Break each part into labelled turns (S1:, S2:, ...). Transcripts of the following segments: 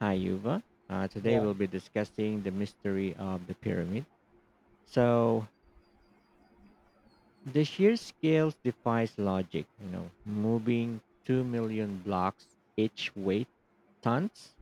S1: Hi, Yuva. Today
S2: Yeah,
S1: we'll be discussing the mystery of the pyramid. So, the sheer scale defies logic. You know, moving 2 million blocks each weight tons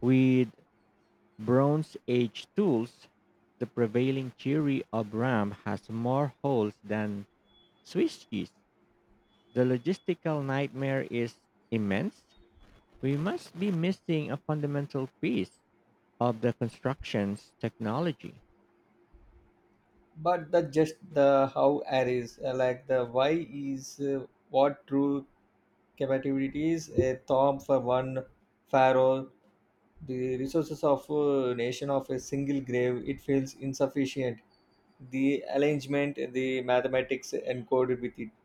S1: with Bronze Age tools, the prevailing theory of Ram has more holes than Swiss cheese. The logistical nightmare is immense. We must be missing a fundamental piece of the construction's technology.
S2: but the just the how aries, like the why is, what true capability is a thorn for one pharaoh. The resources of a nation of a single grave, it feels insufficient. The arrangement, the mathematics encoded with it,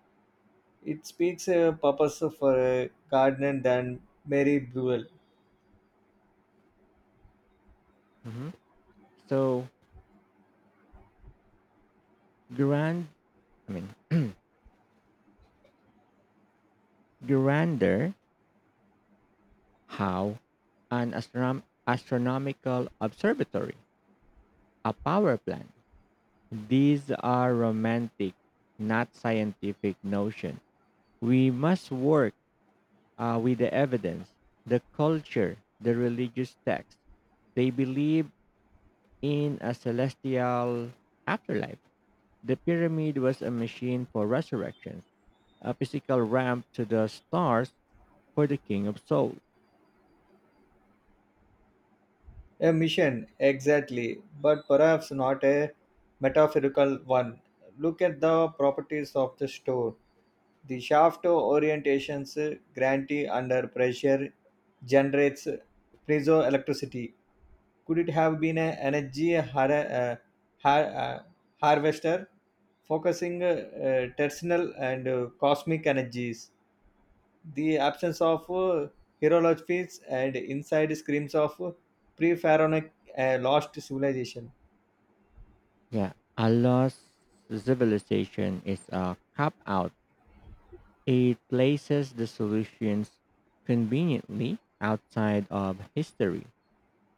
S2: it speaks a purpose for a gardener than Mary Buell.
S1: Mhm. So grand, I mean, grander, how an astronomical observatory, a power plant. These are romantic, not scientific notion. We must work with the evidence, the culture, the religious text. They believe in a celestial afterlife. The pyramid was a machine for resurrection, a physical ramp to the stars for the king of souls.
S2: A mission, exactly, but perhaps not a metaphorical one. Look at the properties of the store. The shaft orientations grantee under pressure generates piezoelectricity. Could it have been an energy uh, har- uh, harvester focusing tertial and cosmic energies? The absence of hieroglyphs and inside screams of pre pharaonic lost civilization.
S1: Yeah, a lost civilization is a cop out. It places the solutions conveniently outside of history.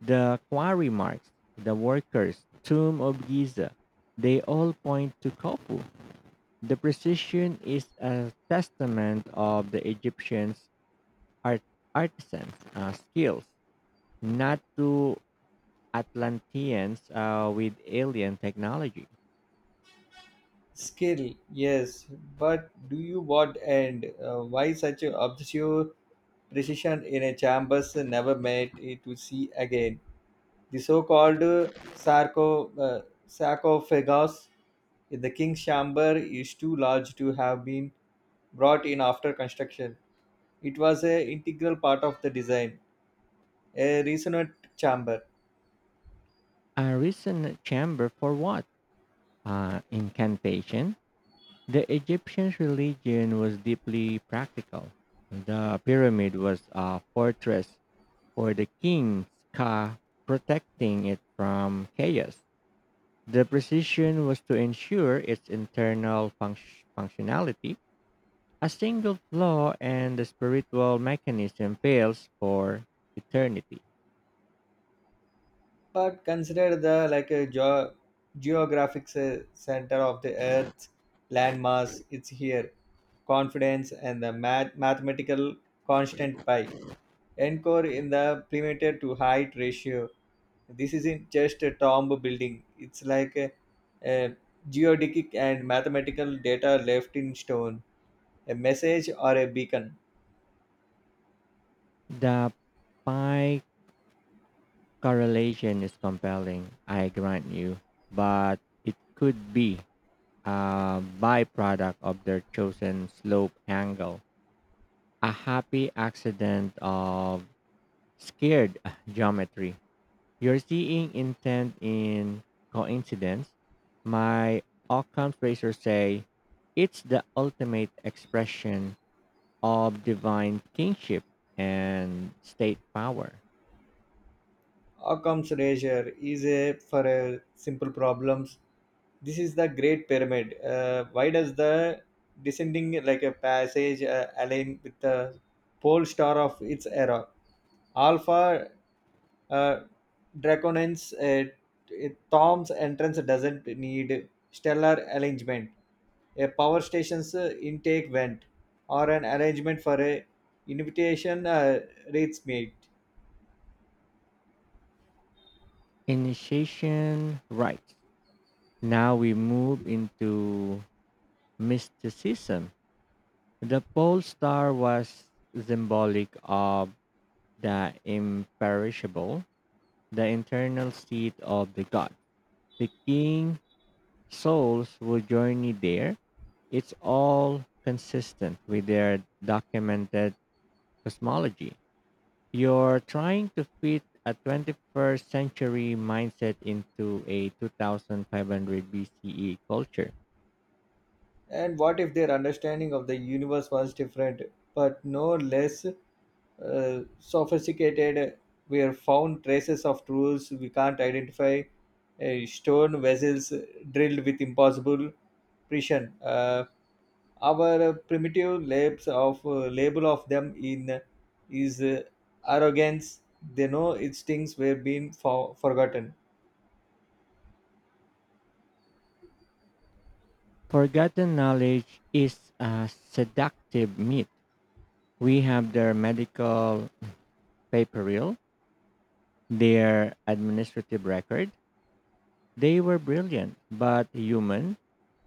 S1: The quarry marks, the workers, tomb of Giza, they all point to Kopu. The precision is a testament of the Egyptians' art- artisans' skills, not to Atlanteans with alien technology.
S2: Skill, yes, but do you what and why such a obsessive precision in a chambers never made it to see again? The so called sarcophagus in the king's chamber is too large to have been brought in after construction. It was an integral part of the design, a resonant chamber,
S1: A recent chamber for what? Incantation, the Egyptian religion was deeply practical. The pyramid was a fortress for the king's ka, protecting it from chaos. The precision was to ensure its internal functionality. A single flaw and the spiritual mechanism fails for eternity.
S2: but consider the like a geographic center of the Earth's landmass. It's here confidence and the mathematical constant pi. Encore in the perimeter to height ratio. This isn't just a tomb building. It's like a geodetic and mathematical data left in stone, a message or a beacon.
S1: The pi correlation is compelling, I grant you, but it could be a byproduct of their chosen slope angle, a happy accident of scared geometry. You're seeing intent in coincidence. My Occam Fraser say it's the ultimate expression of divine kingship and state power.
S2: Occam's razor is a for a simple problems. This is the great pyramid. Why does the descending like a passage align with the pole star of its era alpha, uh, draconens? uh, Tom's entrance doesn't need stellar alignment, a power station's intake vent, or an arrangement for a invitation, rates mate.
S1: Initiation rites. Now we move into mysticism. The pole star was symbolic of the imperishable, the internal seat of the god. The king souls would journey there. It's all consistent with their documented cosmology. You're trying to fit a 21st century mindset into a 2500 BCE culture.
S2: And what if their understanding of the universe was different, but no less sophisticated? Were found traces of tools we can't identify, stone vessels drilled with impossible precision. Our primitive labs of label of them in is arrogance. They know its things were being forgotten.
S1: Forgotten knowledge is a seductive myth. We have their medical Paperil, their administrative record. They were brilliant, but human.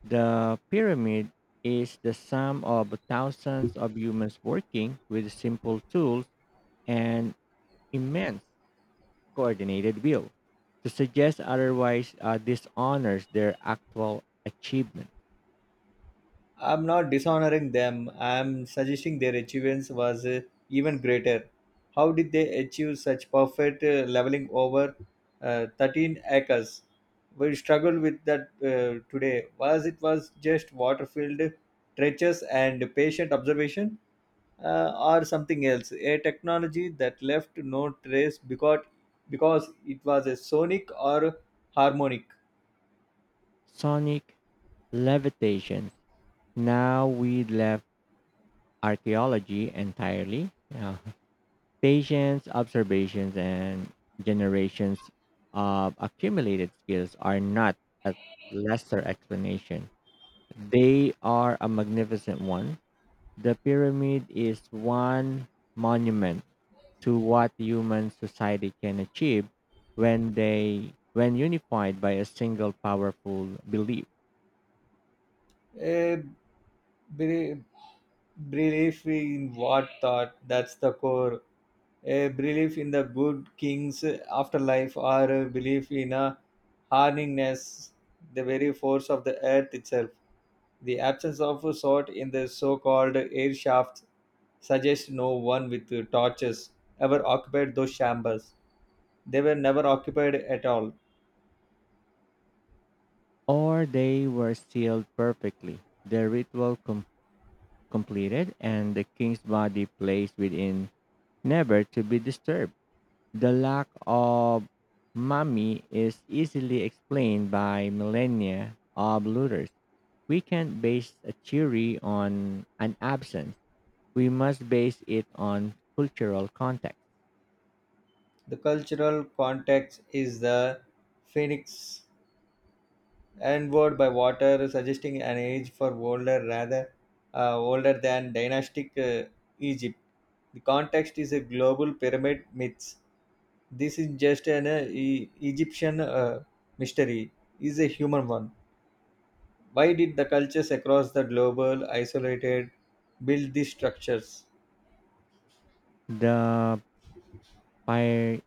S1: The pyramid is the sum of thousands of humans working with simple tools and immense coordinated will. To suggest otherwise dishonors their actual achievement.
S2: I'm not dishonoring them. I'm suggesting their achievements was even greater. How did they achieve such perfect leveling over 13 acres? We struggle with that today. Was it was just water-filled trenches and patient observation, or something else? A technology that left no trace because it was a sonic or harmonic.
S1: Sonic levitation. Now we left archaeology entirely. Patience, observations, and generations of accumulated skills are not a lesser explanation. They are a magnificent one. The pyramid is one monument to what human society can achieve when unified by a single powerful belief.
S2: a belief, belief in what thought? That's the core. A belief in the good king's afterlife, or a belief in a harningness, the very force of the earth itself. The absence of a sort in the so-called air shafts suggests no one with torches ever occupied those chambers. They were never occupied at all.
S1: Or they were sealed perfectly. The ritual completed and the king's body placed within never to be disturbed. The lack of mommy is easily explained by millennia of looters. We can't base a theory on an absence. We must base it on cultural context.
S2: The cultural context is the phoenix Onward by water, suggesting an age for older rather, older than dynastic Egypt. The context is a global pyramid myths. This is just an Egyptian mystery, is a human one. Why did the cultures across the global isolated build these structures?
S1: The pyr-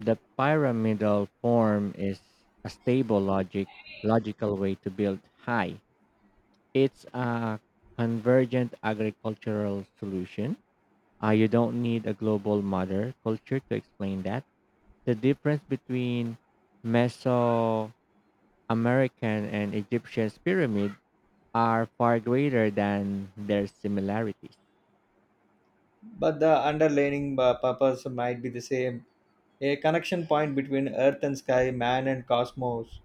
S1: pyramidal form is a stable logical way to build high. It's a convergent agricultural solution. You don't need a global mother culture to explain that. The difference between Mesoamerican and Egyptian pyramids are far greater than their similarities.
S2: But the underlying purpose might be the same. A connection point between earth and sky, man and cosmos.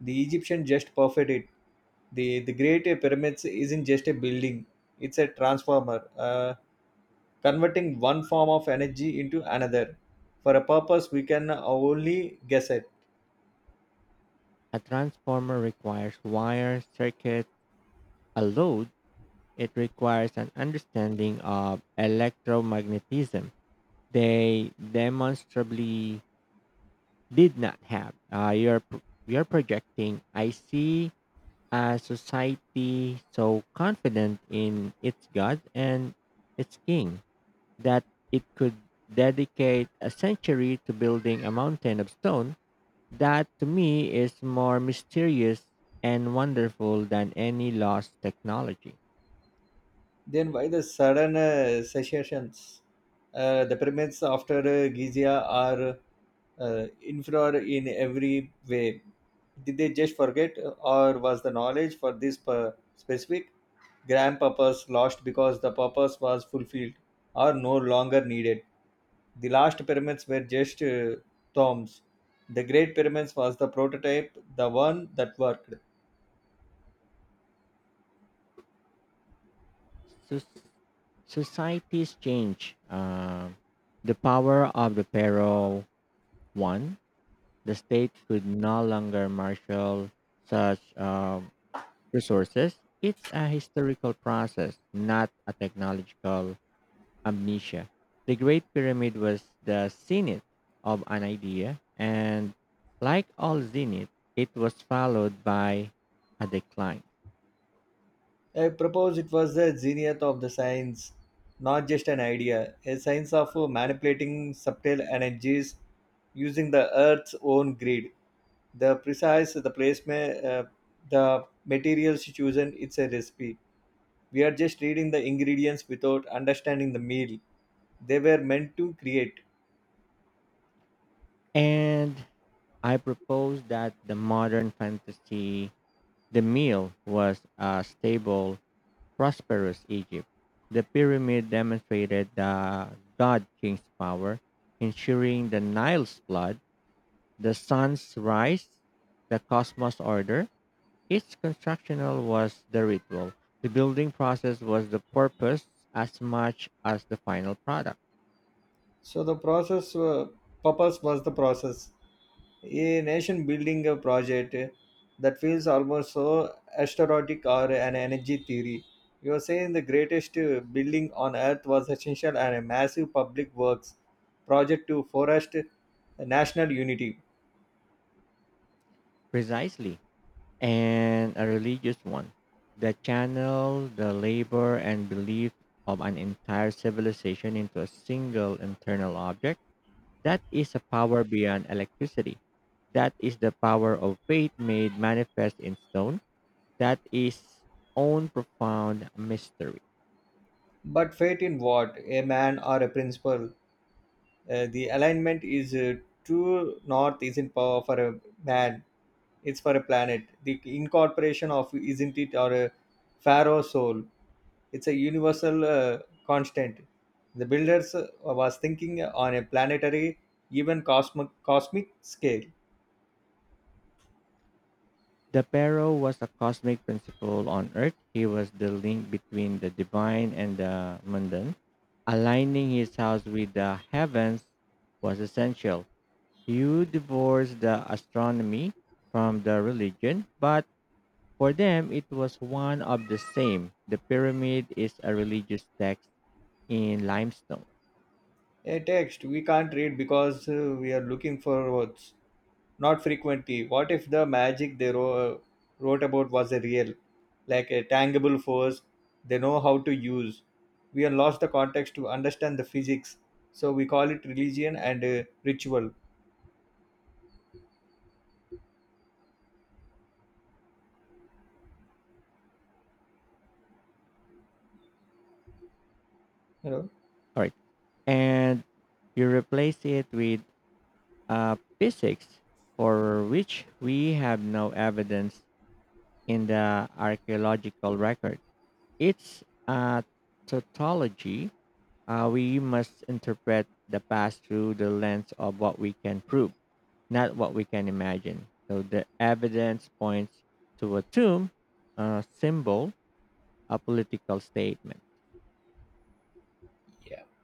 S2: The Egyptian just perfect it. The great pyramids isn't just a building, it's a transformer, converting one form of energy into another for a purpose we can only guess it.
S1: A transformer requires wire, circuits, a load. It requires an understanding of electromagnetism. They demonstrably did not have. You're projecting. I see a society so confident in its god and its king that it could dedicate a century to building a mountain of stone. That to me is more mysterious and wonderful than any lost technology.
S2: Then why the sudden secessions? The pyramids after Giza are inferior in every way. Did they just forget, or was the knowledge for this specific grand purpose lost because the purpose was fulfilled or no longer needed? The last pyramids were just tombs. The Great Pyramids was the prototype, the one that worked.
S1: Soc- Societies change. The power of the pharaoh won. The state could no longer marshal such resources. It's a historical process, not a technological amnesia. The Great Pyramid was the zenith of an idea, and like all zenith, it was followed by a decline.
S2: I propose it was the zenith of the science, not just an idea, a science of manipulating subtle energies using the earth's own grid. The precise, the placement, the materials chosen, it's a recipe. We are just reading the ingredients without understanding the meal they were meant to create.
S1: And I propose that the modern fantasy, the meal, was a stable, prosperous Egypt. The pyramid demonstrated the god king's power, ensuring the Nile's flood, the sun's rise, the cosmos order, each constructional was the ritual. The building process was the purpose as much as the final product.
S2: So the process, purpose was the process. A nation building a project that feels almost so astronautic or an energy theory. You are saying the greatest building on earth was essential and a massive public works project to forest national unity.
S1: Precisely. And a religious one. The channel, the labor, and belief of an entire civilization into a single internal object. That is a power beyond electricity. That is the power of faith made manifest in stone. That is own profound mystery.
S2: But fate in what? A man or a principle? The alignment is, true north isn't power for a man, it's for a planet. The incorporation of isn't it or a pharaoh soul, it's a universal constant. The builders, was thinking on a planetary, even cosmic scale.
S1: The Pharaoh was a cosmic principle on earth. He was the link between the divine and the mundane. Aligning his house with the heavens was essential. You divorce the astronomy from the religion, but for them it was one of the same. The pyramid is a religious text in limestone.
S2: A text we can't read because we are looking for words, not frequently. What if the magic they wrote about was a real, like a tangible force they know how to use? We have lost the context to understand the physics, so we call it religion and ritual. You
S1: All right. And you replace it with physics, for which we have no evidence in the archaeological record. It's a tautology. We must interpret the past through the lens of what we can prove, not what we can imagine. So the evidence points to a tomb, a symbol, a political statement.
S2: know.